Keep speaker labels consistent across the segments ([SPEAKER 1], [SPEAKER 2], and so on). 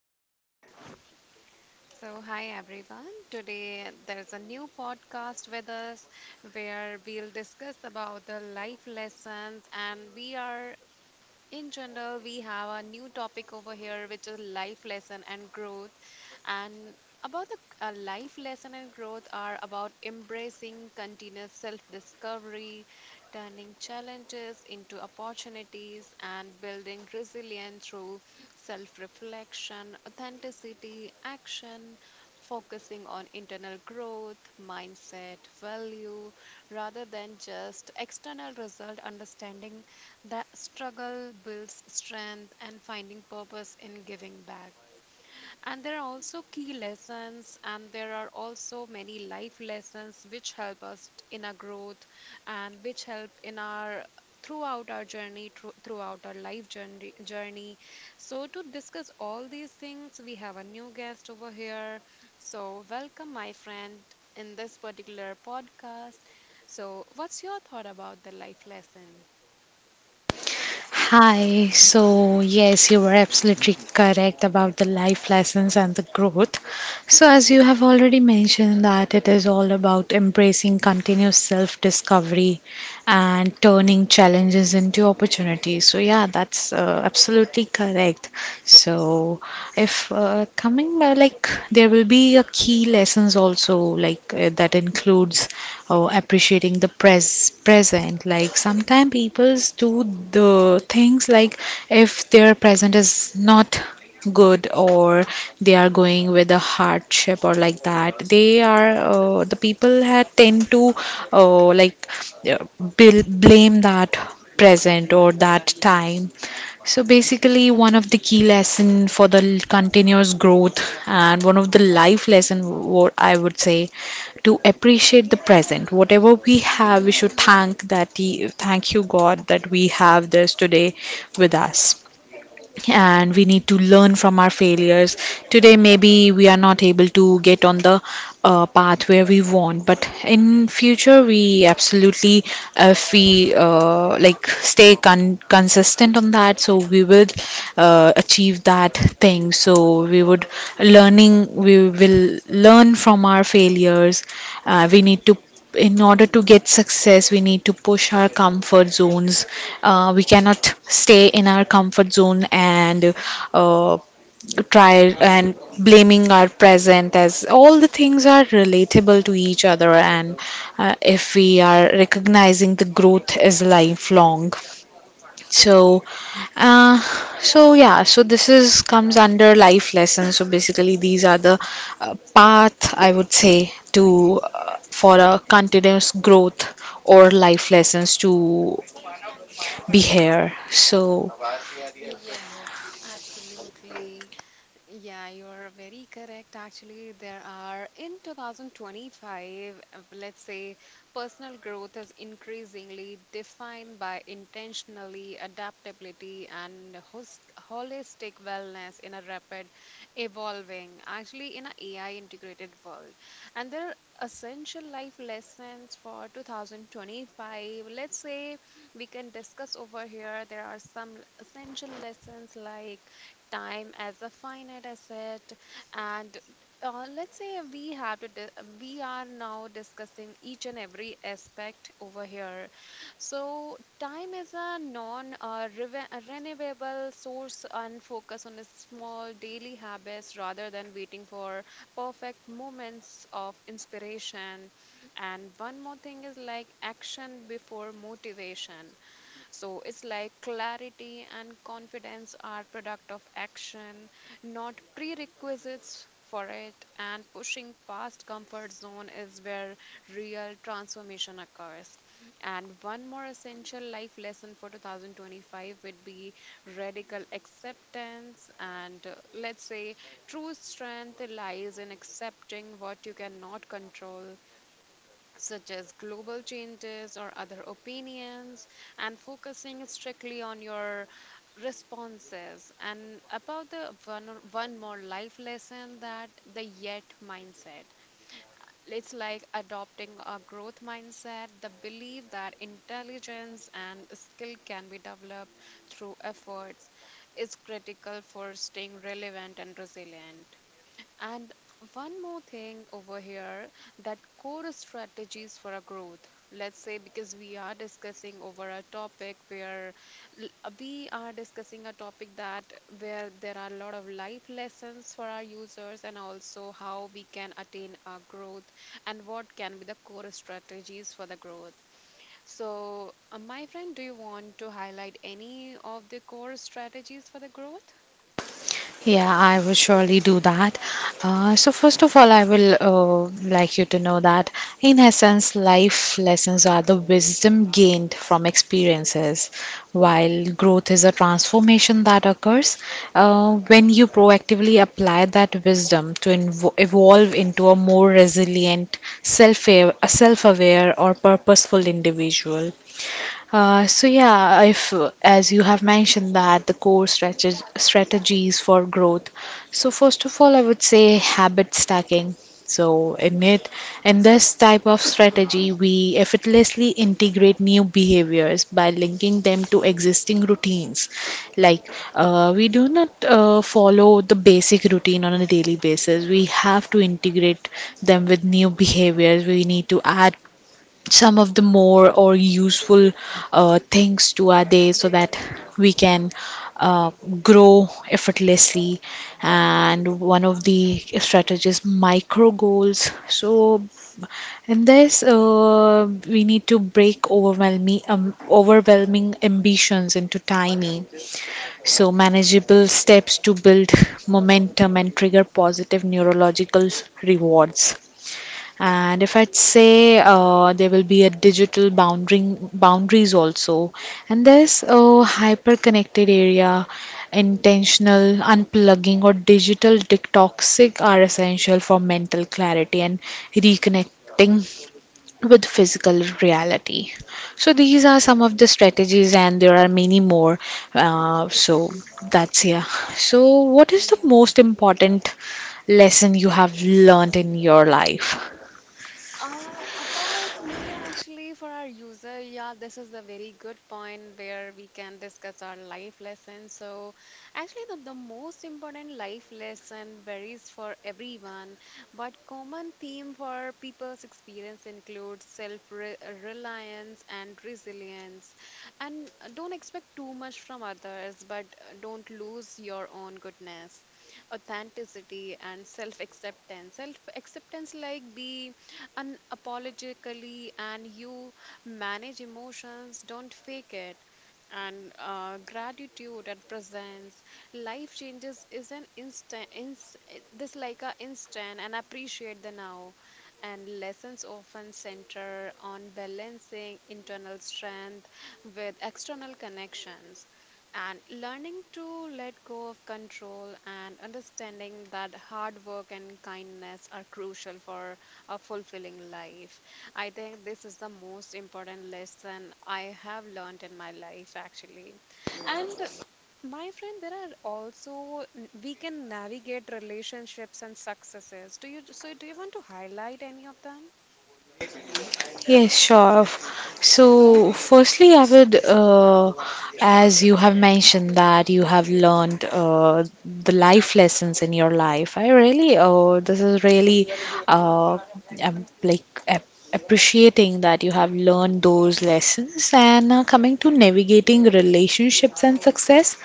[SPEAKER 1] we are so Hi everyone. Today there is a new podcast with us where we'll discuss about the life lessons and we are in general, we have a new topic over here, which is life lesson and growth. And about the Life lesson and growth are about embracing continuous self-discovery, turning challenges into opportunities, and building resilience through self-reflection, authenticity, action, focusing on internal growth, mindset, value, rather than just external result understanding the struggle builds strength and finding purpose in giving back. And there are also key lessons, and there are also many life lessons which help us in our growth and which help in our throughout our life journey. So to discuss all these things, we have a new guest over here. So welcome, my friend, in this particular podcast. So what's your thought about the life lesson?
[SPEAKER 2] Hi, so yes, you were absolutely correct about the life lessons and the growth. So, as you have already mentioned, that it is all about embracing continuous self discovery and turning challenges into opportunities. So, yeah, that's absolutely correct. So, if coming like there will be a key lessons also like that includes appreciating the present. Like sometimes people do the things like if their present is not good or they are going with a hardship or like that they are the people had tend to uh, like blame that present or that time. So basically one of the key lesson for the continuous growth and one of the life lesson what I would say to appreciate the present, whatever we have we should thank that he, thank you god that we have this today with us. And we need to learn from our failures. Today, maybe we are not able to get on the path where we want, but in future, we absolutely, if we like stay consistent on that, so we will achieve that thing. So we would learning, we will learn from our failures. We need to, in order to get success we need to push our comfort zones. Uh, we cannot stay in our comfort zone and uh, try and blaming our present, as all the things are relatable to each other. And if we are recognizing the growth is lifelong, so, uh, so yeah, so this is comes under life lessons. So basically, these are the path I would say to for a continuous growth or life lessons to be here. So
[SPEAKER 1] Yes, absolutely. Yeah, you are very correct. Actually, there are in 2025, let's say, personal growth is increasingly defined by intentionally adaptability and host holistic wellness in a rapid evolving, actually in an AI integrated world. And there are essential life lessons for 2025. Let's say we can discuss over here. There are some essential lessons like time as a finite asset, and let's say, we have to di- we are now discussing each and every aspect over here. So time is a renewable source, and focus on a small daily habits rather than waiting for perfect moments of inspiration. And one more thing is like action before motivation. So it's like clarity and confidence are product of action, not prerequisites for it. And pushing past comfort zone is where real transformation occurs. And one more essential life lesson for 2025 would be radical acceptance. And let's say, true strength lies in accepting what you cannot control, such as global changes or other opinions, and focusing strictly on your responses. And about the one more life lesson, that the yet mindset. It's like adopting a growth mindset, the belief that intelligence and skill can be developed through efforts is critical for staying relevant and resilient. And one more thing over here, that core strategies for our growth. Let's say, because we are discussing over a topic where we are discussing a topic that where there are a lot of life lessons for our users and also how we can attain our growth and what can be the core strategies for the growth. So, my friend, do you want to highlight any of the core strategies for the growth?
[SPEAKER 2] yeah, I will surely do that. First of all, I will like you to know that, in essence, life lessons are the wisdom gained from experiences, while growth is a transformation that occurs when you proactively apply that wisdom to evolve into a more resilient, self aware, or purposeful individual. So yeah, if as you have mentioned that the core strategies for growth. So first of all, I would say habit stacking. So in it, in this type of strategy, we effortlessly integrate new behaviors by linking them to existing routines. Like we do not follow the basic routine on a daily basis. We have to integrate them with new behaviors. We need to add some of the more or useful things to our day so that we can uh, grow effortlessly. And one of the strategies, micro goals. So in this, we need to break overwhelming overwhelming ambitions into tiny, so, manageable steps to build momentum and trigger positive neurological rewards. And if I'd say there will be a digital boundary boundaries also, and there's a hyper-connected area, intentional unplugging or digital detoxic are essential for mental clarity and reconnecting with physical reality. So these are some of the strategies, and there are many more. So that's yeah. So what is the
[SPEAKER 1] Yeah.
[SPEAKER 2] most important lesson you have learned in your life?
[SPEAKER 1] About me, actually, for our user, yeah, this is a very good point where we can discuss our life lessons. So actually, the most important life lesson varies for everyone, but common theme for people's experience includes self-reliance and resilience. And don't expect too much from others, but don't lose your own goodness, authenticity, and self-acceptance. Self-acceptance, like be unapologetically and you manage emotions, don't fake it. And gratitude and presence, life changes is an this like a instant, and appreciate the now. And lessons often center on balancing internal strength with external connections and learning to let go of control and understanding that hard work and kindness are crucial for a fulfilling life. I think this is the most important lesson I have learned in my life, actually. And my friend, there are also we can navigate relationships and successes. Do you want to highlight any of them?
[SPEAKER 2] Yes, sure. So, firstly, I would, as you have mentioned that you have learned the life lessons in your life. I really, oh, this is really, uh, I'm like appreciating that you have learned those lessons. And coming to navigating relationships and success,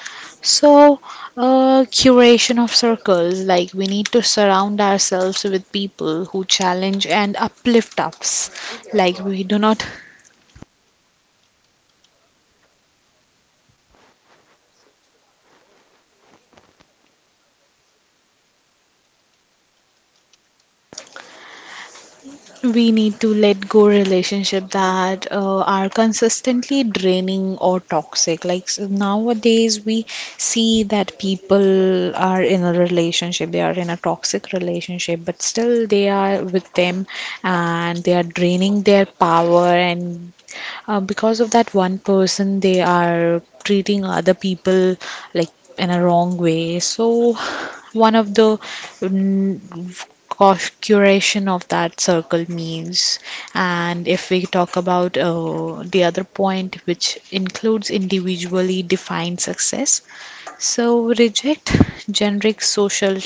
[SPEAKER 2] so curation of circles, like we need to surround ourselves with people who challenge and uplift us. Like we do not, we need to let go relationship that are consistently draining or toxic. Like nowadays we see that people are in a relationship, they are in a toxic relationship but still they are with them, and they are draining their power. And because of that one person, they are treating other people like in a wrong way. So, one of the curation of that circle means, and if we talk about the other point, which includes individually defined success, so reject generic social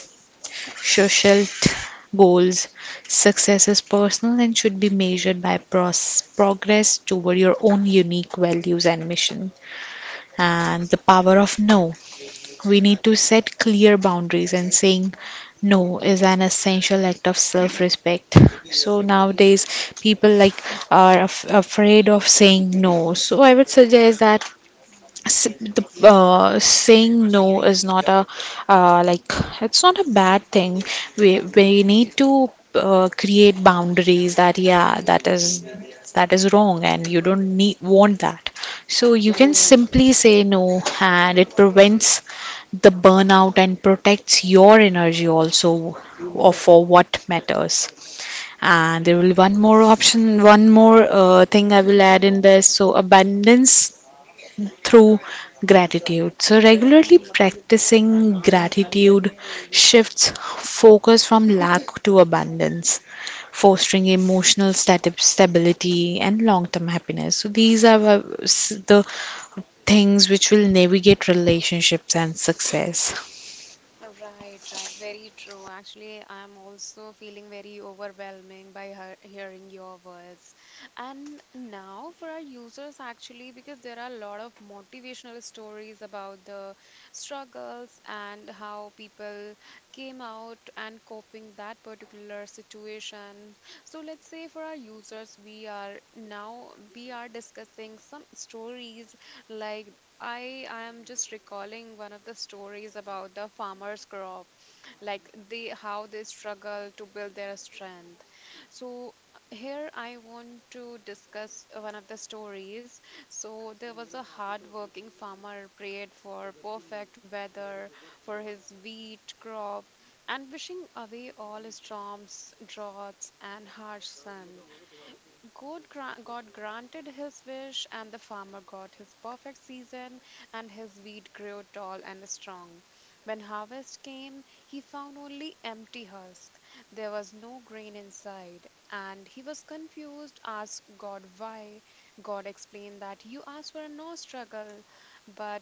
[SPEAKER 2] social t- goals. Success is personal and should be measured by progress toward your own unique values and mission. And the power of no. We need to set clear boundaries, and saying no is an essential act of self respect. So nowadays, people like are afraid of saying no. So I would suggest that s- the saying no is not a like it's not a bad thing. We need to create boundaries, that yeah, that is wrong and you don't need want that, so you can simply say no, and it prevents the burnout and protects your energy also, or for what matters. And there will be one more option, one more thing I will add in this, so abundance through gratitude. So, regularly practicing gratitude shifts focus from lack to abundance, fostering emotional stability and long term happiness. So, these are s- the things which will navigate relationships and success.
[SPEAKER 1] Right, right. Very true. Actually, I'm also feeling very overwhelming by hearing your words. And now for our users, actually, because there are a lot of motivational stories about the struggles and how people came out and coping that particular situation. So let's say, for our users, we are discussing some stories like I am just recalling one of the stories about the farmer's crop, like they how they struggle to build their strength. So here I want to discuss one of the stories. So there was a hard-working farmer prayed for perfect weather for his wheat crop and wishing away all storms, droughts, and harsh sun. God granted his wish, and the farmer got his perfect season, and his wheat grew tall and strong. When harvest came, he found only empty husk. There was no grain inside, and he was confused, asked God why. God explained that you asked for no struggle, but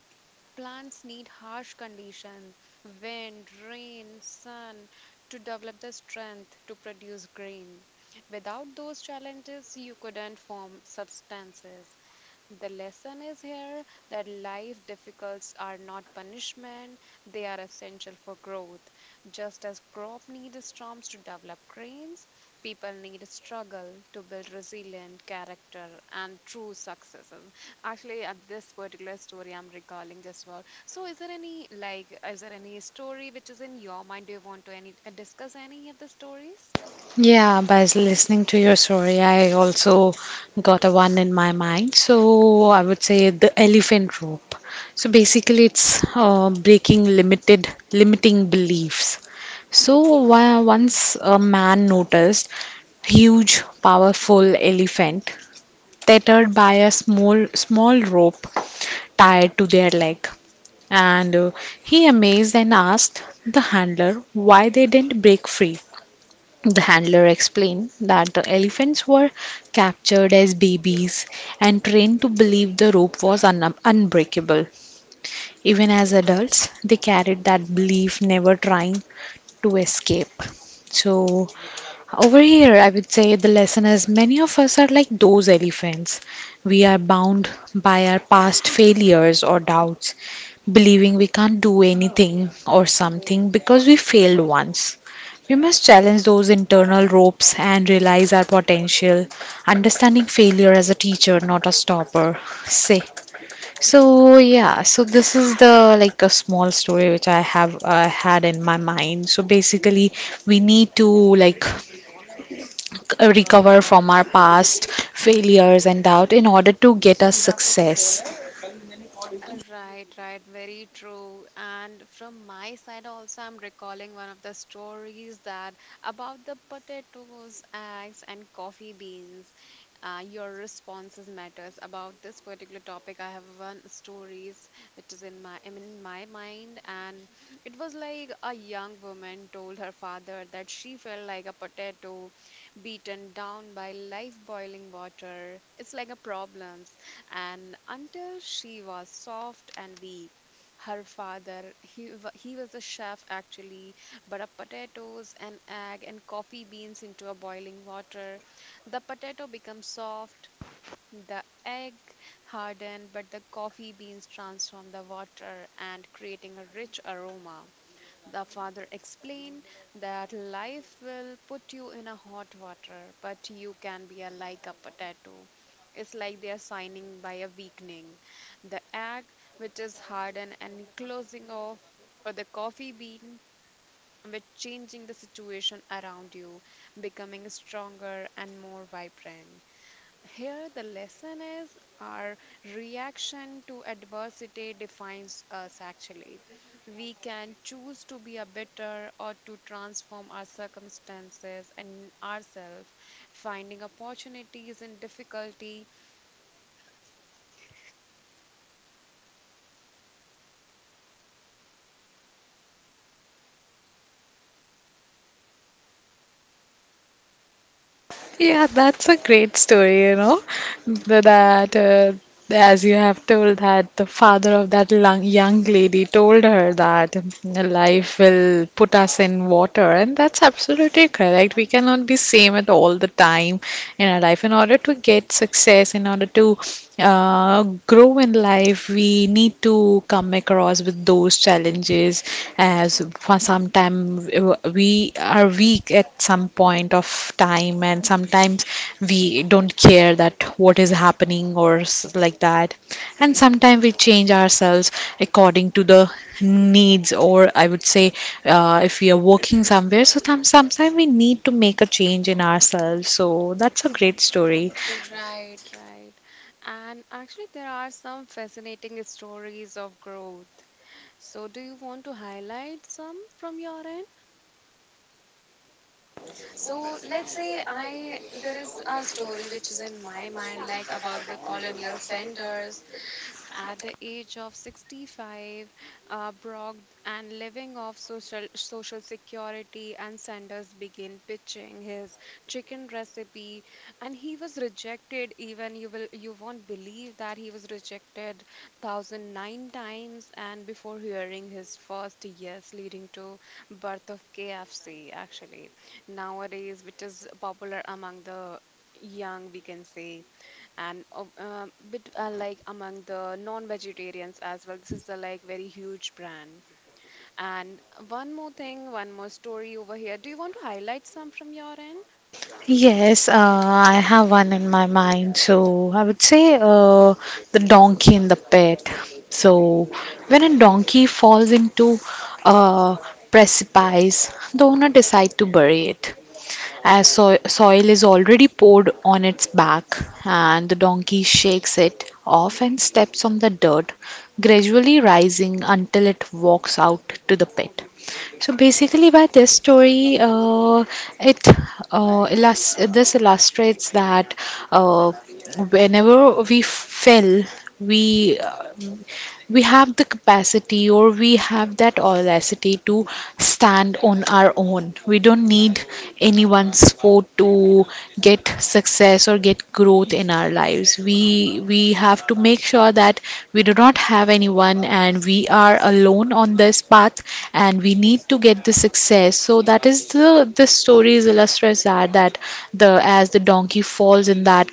[SPEAKER 1] plants need harsh conditions, wind, rain, sun, to develop the strength to produce grain. Without those challenges, you couldn't form substances. The lesson is here that life difficulties are not punishment, they are essential for growth. Just as crops need storms to develop grains, people need struggle to build resilient character and true successes. Actually, at this particular story, I'm recalling just about. So is there any like, is there any story which is in your mind? Do you want to any discuss any of the stories?
[SPEAKER 2] Yeah, by listening to your story, I also got a one in my mind. So I would say the elephant rope. So basically, it's breaking limited limiting beliefs. So once a man noticed huge, powerful elephant tethered by a small rope tied to their leg, and he amazed and asked the handler why they didn't break free. The handler explained that the elephants were captured as babies and trained to believe the rope was unbreakable. Even as adults, they carried that belief, never trying to escape. So, over here, I would say the lesson is many of us are like those elephants. We are bound by our past failures or doubts, believing we can't do anything or something because we failed once. We must challenge those internal ropes and realize our potential, understanding failure as a teacher, not a stopper. Say. So yeah, so this is the like a small story which I have had in my mind. So basically, we need to like recover from our past failures and doubt in order to get us success.
[SPEAKER 1] Right, right, very true. And from my side also, I'm recalling one of the stories that about the potatoes, eggs, and coffee beans. Your responses matters about this particular topic. I have one stories which is in my, I mean, in my mind, and it was like a young woman told her father that she felt like a potato beaten down by life boiling water. It's like a problem, and until she was soft and weak. Her he was a chef actually, but a potatoes and egg and coffee beans into a boiling water. The potato becomes soft, the egg hardened, but the coffee beans transform the water and creating a rich aroma. The father explained that life will put you in a hot water, but you can be a, like a potato. It's like they are signing by a weakening. The egg, which is hardened and closing off, or the coffee bean, which changing the situation around you, becoming stronger and more vibrant. Here, the lesson is our reaction to adversity defines us actually. We can choose to be a bitter or to transform our circumstances and ourselves, finding opportunities in difficulty.
[SPEAKER 2] Yeah, that's a great story, you know. That, as you have told, that the father of that young lady told her that life will put us in water, and that's absolutely correct. We cannot be same at all the time in our life. In order to get success, in order to uh, grow in life, we need to come across with those challenges. As for sometime we are weak at some point of time and sometimes we don't care that what is happening or like that, and sometimes we change ourselves according to the needs, or I would say if we are working somewhere, so sometimes we need to make a change in ourselves, so that's a great story.
[SPEAKER 1] Right, right. And actually, there are some fascinating stories of growth. So do you want to highlight some from your end? So let's say, I there is a story which is in my mind like about the colonial centers at the age of 65, Brock and living off social security, and Sanders began pitching his chicken recipe, and he was rejected. Even you will you won't believe that he was rejected 1009 times, and before hearing his first yes, leading to birth of KFC. Actually, nowadays, which is popular among the young, we can say, and bit like among the non-vegetarians as well, this is a like very huge brand. And one more thing, one more story over here, do you want to highlight some from your end?
[SPEAKER 2] Yes, I have one in my mind. So I would say the donkey in the pit. So when a donkey falls into a precipice, the owner decides to bury it. As soil is already poured on its back, and the donkey shakes it off and steps on the dirt, gradually rising until it walks out to the pit. So basically, by this story, it this illustrates that uh, whenever we fell, we uh, we have the capacity or we have that audacity to stand on our own. We don't need anyone's fault to get success or get growth in our lives. We have to make sure that we do not have anyone and we are alone on this path, and we need to get the success. So that is the this story is illustrates that that the as the donkey falls in that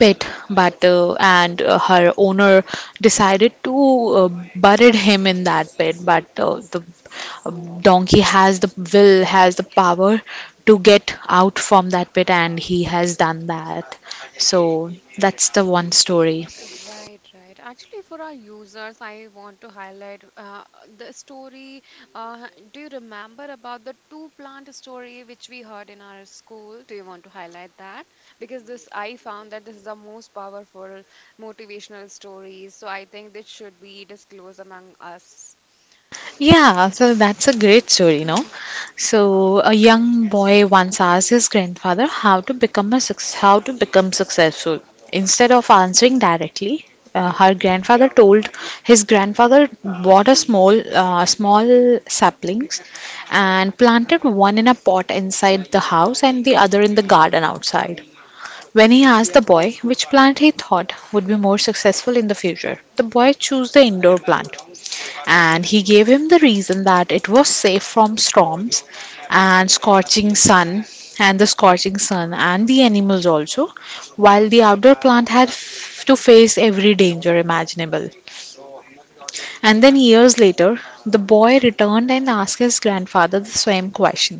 [SPEAKER 2] pet, but and her owner decided to uh, buried him in that pit. But the uh, donkey has the will, has the power to get out from that pit, and he has done that. So that's the one story.
[SPEAKER 1] Right, right. Actually, for our users, I want to highlight the story. Do you remember about the two plant story which we heard in our school? Do you want to highlight that? Because this, I found that this is the most powerful motivational story. So I think this should be disclosed among us.
[SPEAKER 2] Yeah, so that's a great story, no? So a young boy once asked his grandfather how to become a how to become successful. Instead of answering directly, her grandfather told his grandfather bought a small saplings and planted one in a pot inside the house and the other in the garden outside. When he asked the boy which plant he thought would be more successful in the future, the boy chose the indoor plant, and he gave him the reason that it was safe from storms and scorching sun, and the scorching sun and the animals also, while the outdoor plant had to face every danger imaginable. And then years later the boy returned and asked his grandfather the same question.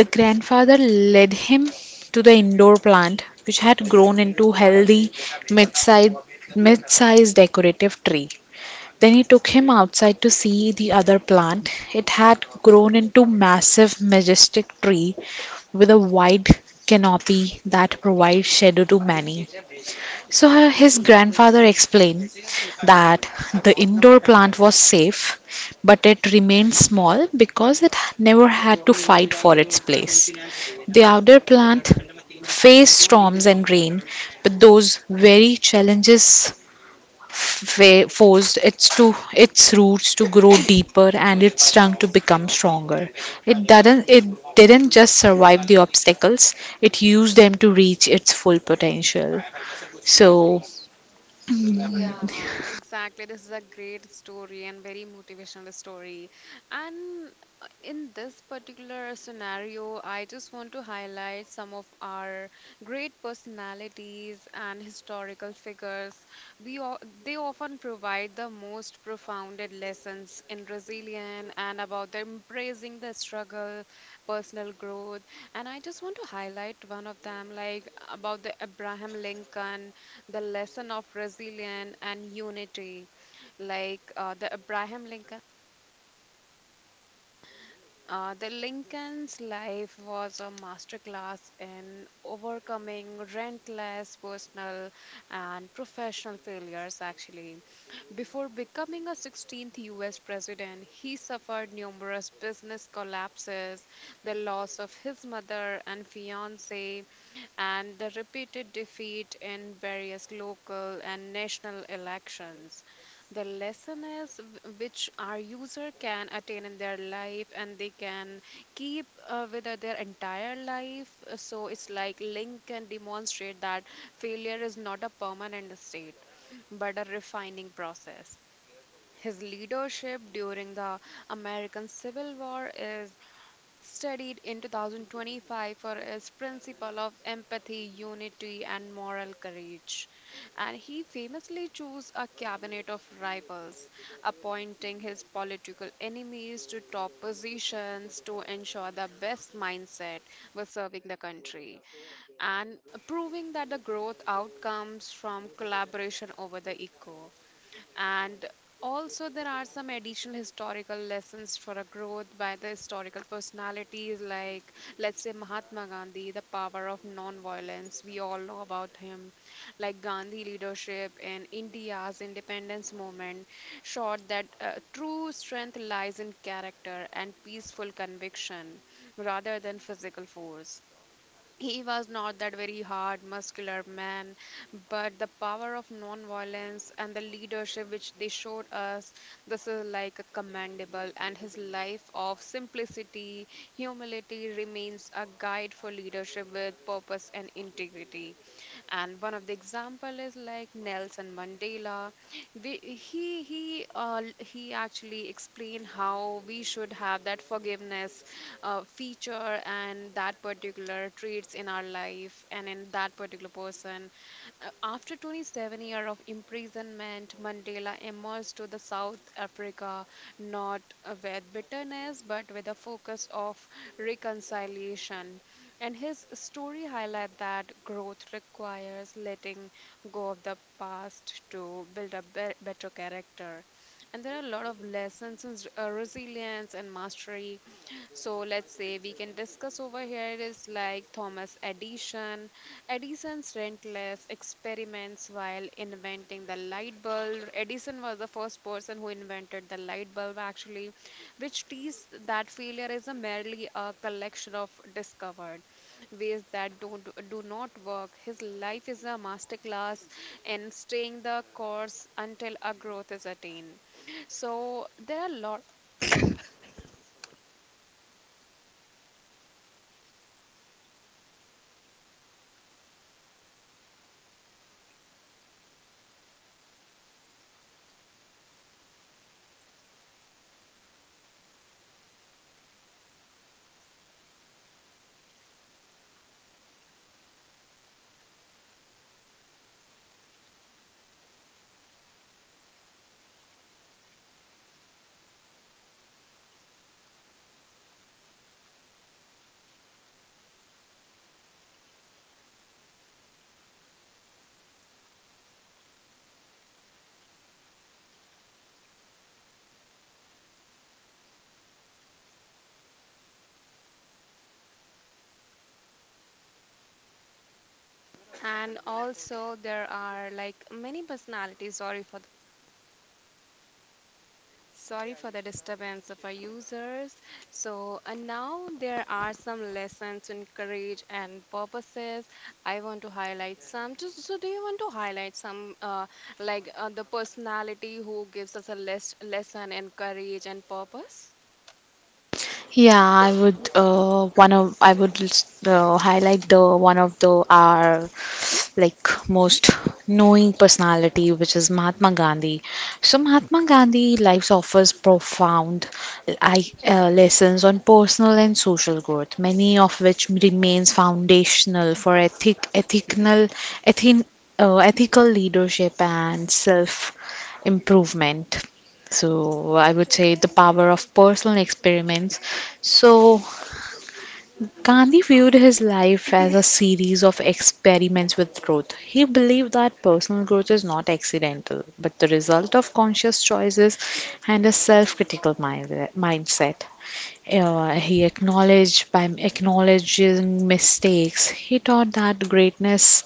[SPEAKER 2] The grandfather led him to the indoor plant, which had grown into healthy mid-sized mid-sized decorative tree. Then he took him outside to see the other plant. It had grown into massive majestic tree with a wide canopy that provides shadow to many. So his grandfather explained that the indoor plant was safe, but it remained small because it never had to fight for its place. The outdoor plant faced storms and rain, but those very challenges forced its to its roots to grow deeper and its trunk to become stronger. It does not it didn't just survive the obstacles; it used them to reach its full potential. So
[SPEAKER 1] Yeah, exactly. This is a great story and very motivational story. And in this particular scenario, I just want to highlight some of our great personalities and historical figures. We all, they often provide the most profounded lessons in resilience and about the embracing the struggle, personal growth. And I just want to highlight one of them, like about the Abraham Lincoln, the lesson of resilience and unity, like the Lincoln's life was a masterclass in overcoming relentless personal and professional failures, actually. Before becoming a 16th US president, he suffered numerous business collapses, the loss of his mother and fiancée, and the repeated defeat in various local and national elections. The lesson is which our user can attain in their life, and they can keep with their entire life. So it's like Link can demonstrate that failure is not a permanent state but a refining process. His leadership during the American Civil War is studied in 2025 for his principle of empathy, unity, and moral courage. And he famously chose a cabinet of rivals, appointing his political enemies to top positions to ensure the best mindset was serving the country and proving that the growth outcomes from collaboration over the ego. And also, there are some additional historical lessons for a growth by the historical personalities, like let's say Mahatma Gandhi, the power of non-violence. We all know about him, like Gandhi leadership in India's independence movement, showed that true strength lies in character and peaceful conviction rather than physical force. He was not that very hard, muscular man, but the power of non-violence and the leadership which they showed us, this is like a commendable. And his life of simplicity, humility remains a guide for leadership with purpose and integrity. And one of the example is like Nelson Mandela. We, he He actually explained how we should have that forgiveness feature and that particular traits in our life and in that particular person. After 27 years of imprisonment, Mandela emerged to the South Africa not with bitterness but with a focus of reconciliation. And his story highlight that growth requires letting go of the past to build a better character. And there are a lot of lessons in resilience and mastery. So let's say we can discuss over here is like Thomas Edison, Edison's relentless experiments while inventing the light bulb. Edison was the first person who invented the light bulb, actually, which teased that failure is a merely a collection of discovered ways that don't do not work. His life is a masterclass in staying the course until a growth is attained. So there are a lot, and also there are like many personalities. Sorry for the disturbance of our users. So, and now there are some lessons in courage and purposes. I want to highlight some. So do you want to highlight some, the personality who gives us a lesson in courage and purpose?
[SPEAKER 2] yeah, I would highlight the one of the our like most knowing personality, which is Mahatma Gandhi. So Mahatma Gandhi lives offers profound lessons on personal and social growth, many of which remains foundational for ethical, ethin, ethical leadership and self improvement. So I would say the power of personal experiments. So Gandhi viewed his life as a series of experiments with growth. He believed that personal growth is not accidental, but the result of conscious choices and a self critical mindset. He acknowledged by acknowledging mistakes, he taught that greatness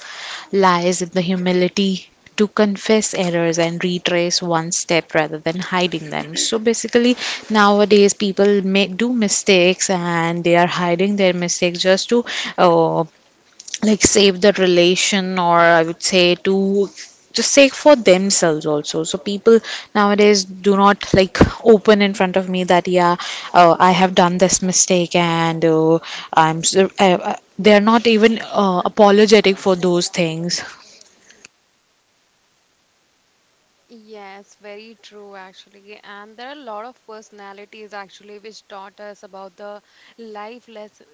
[SPEAKER 2] lies in the humility to confess errors and retrace one step rather than hiding them. So basically, nowadays people may do mistakes and they are hiding their mistakes just to uh, like save the relation, or I would say to just say for themselves also. So people nowadays do not like open in front of me that yeah, I have done this mistake, and they're not even apologetic for those things.
[SPEAKER 1] Yes, very true actually. And there are a lot of personalities actually which taught us about the life lesson.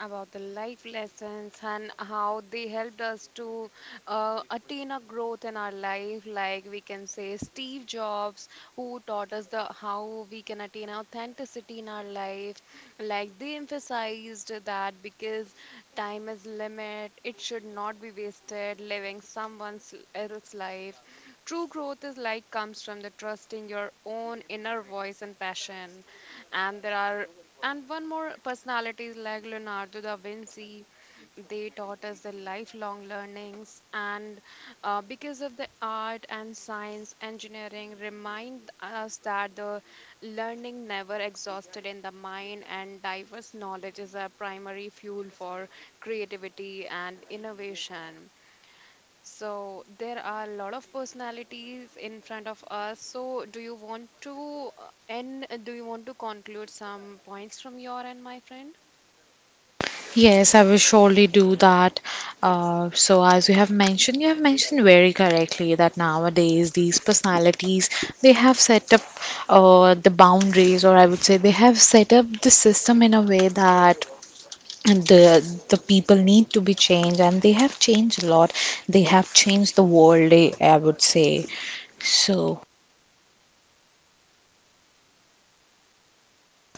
[SPEAKER 1] life lessons and how they helped us to attain a growth in our life, like we can say Steve Jobs, who taught us the how we can attain authenticity in our life, like they emphasized that because time is limit, it should not be wasted living someone else's life. True growth is like comes from the trusting your own inner voice and passion. And there are, and one more personality is like Leonardo da Vinci, they taught us the lifelong learnings, and because of the art and science, engineering remind us that the learning never exhausted in the mind, and diverse knowledge is a primary fuel for creativity and innovation. So there are a lot of personalities in front of us. So do you want to do you want to conclude some points from your end, my friend?
[SPEAKER 2] Yes, I will surely do that. As you have mentioned very correctly that nowadays these personalities they have set up the boundaries, or I would say they have set up the system in a way that the people need to be changed, and they have changed a lot. They have changed the world, eh, I would say. So.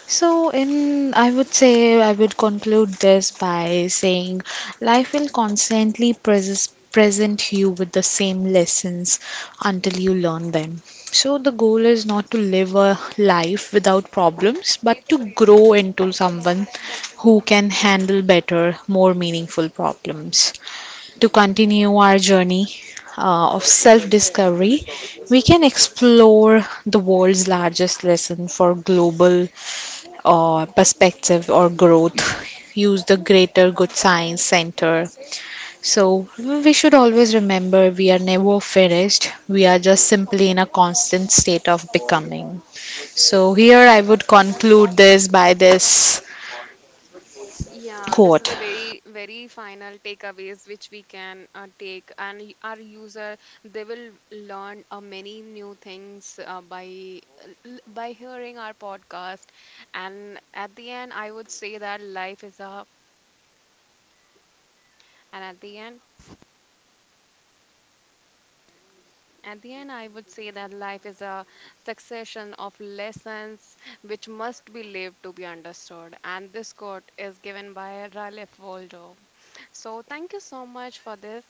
[SPEAKER 2] So, in I would say I would conclude this by saying life will constantly present you with the same lessons until you learn them. So, the goal is not to live a life without problems, but to grow into someone who can handle better, more meaningful problems. To continue our journey of self discovery, we can explore the world's largest lesson for global perspective or growth. Use the Greater Good Science Center. So, we should always remember we are never finished, we are just simply in a constant state of becoming. So, here I would conclude this by this
[SPEAKER 1] Yeah, this is
[SPEAKER 2] quote
[SPEAKER 1] a very, very final takeaways which we can take, and our user, they will learn many new things by hearing our podcast. And at the end, I would say that life is a, and at the end, at the end, I would say that life is a succession of lessons which must be lived to be understood. And this quote is given by Ralph Waldo. So thank you so much for this.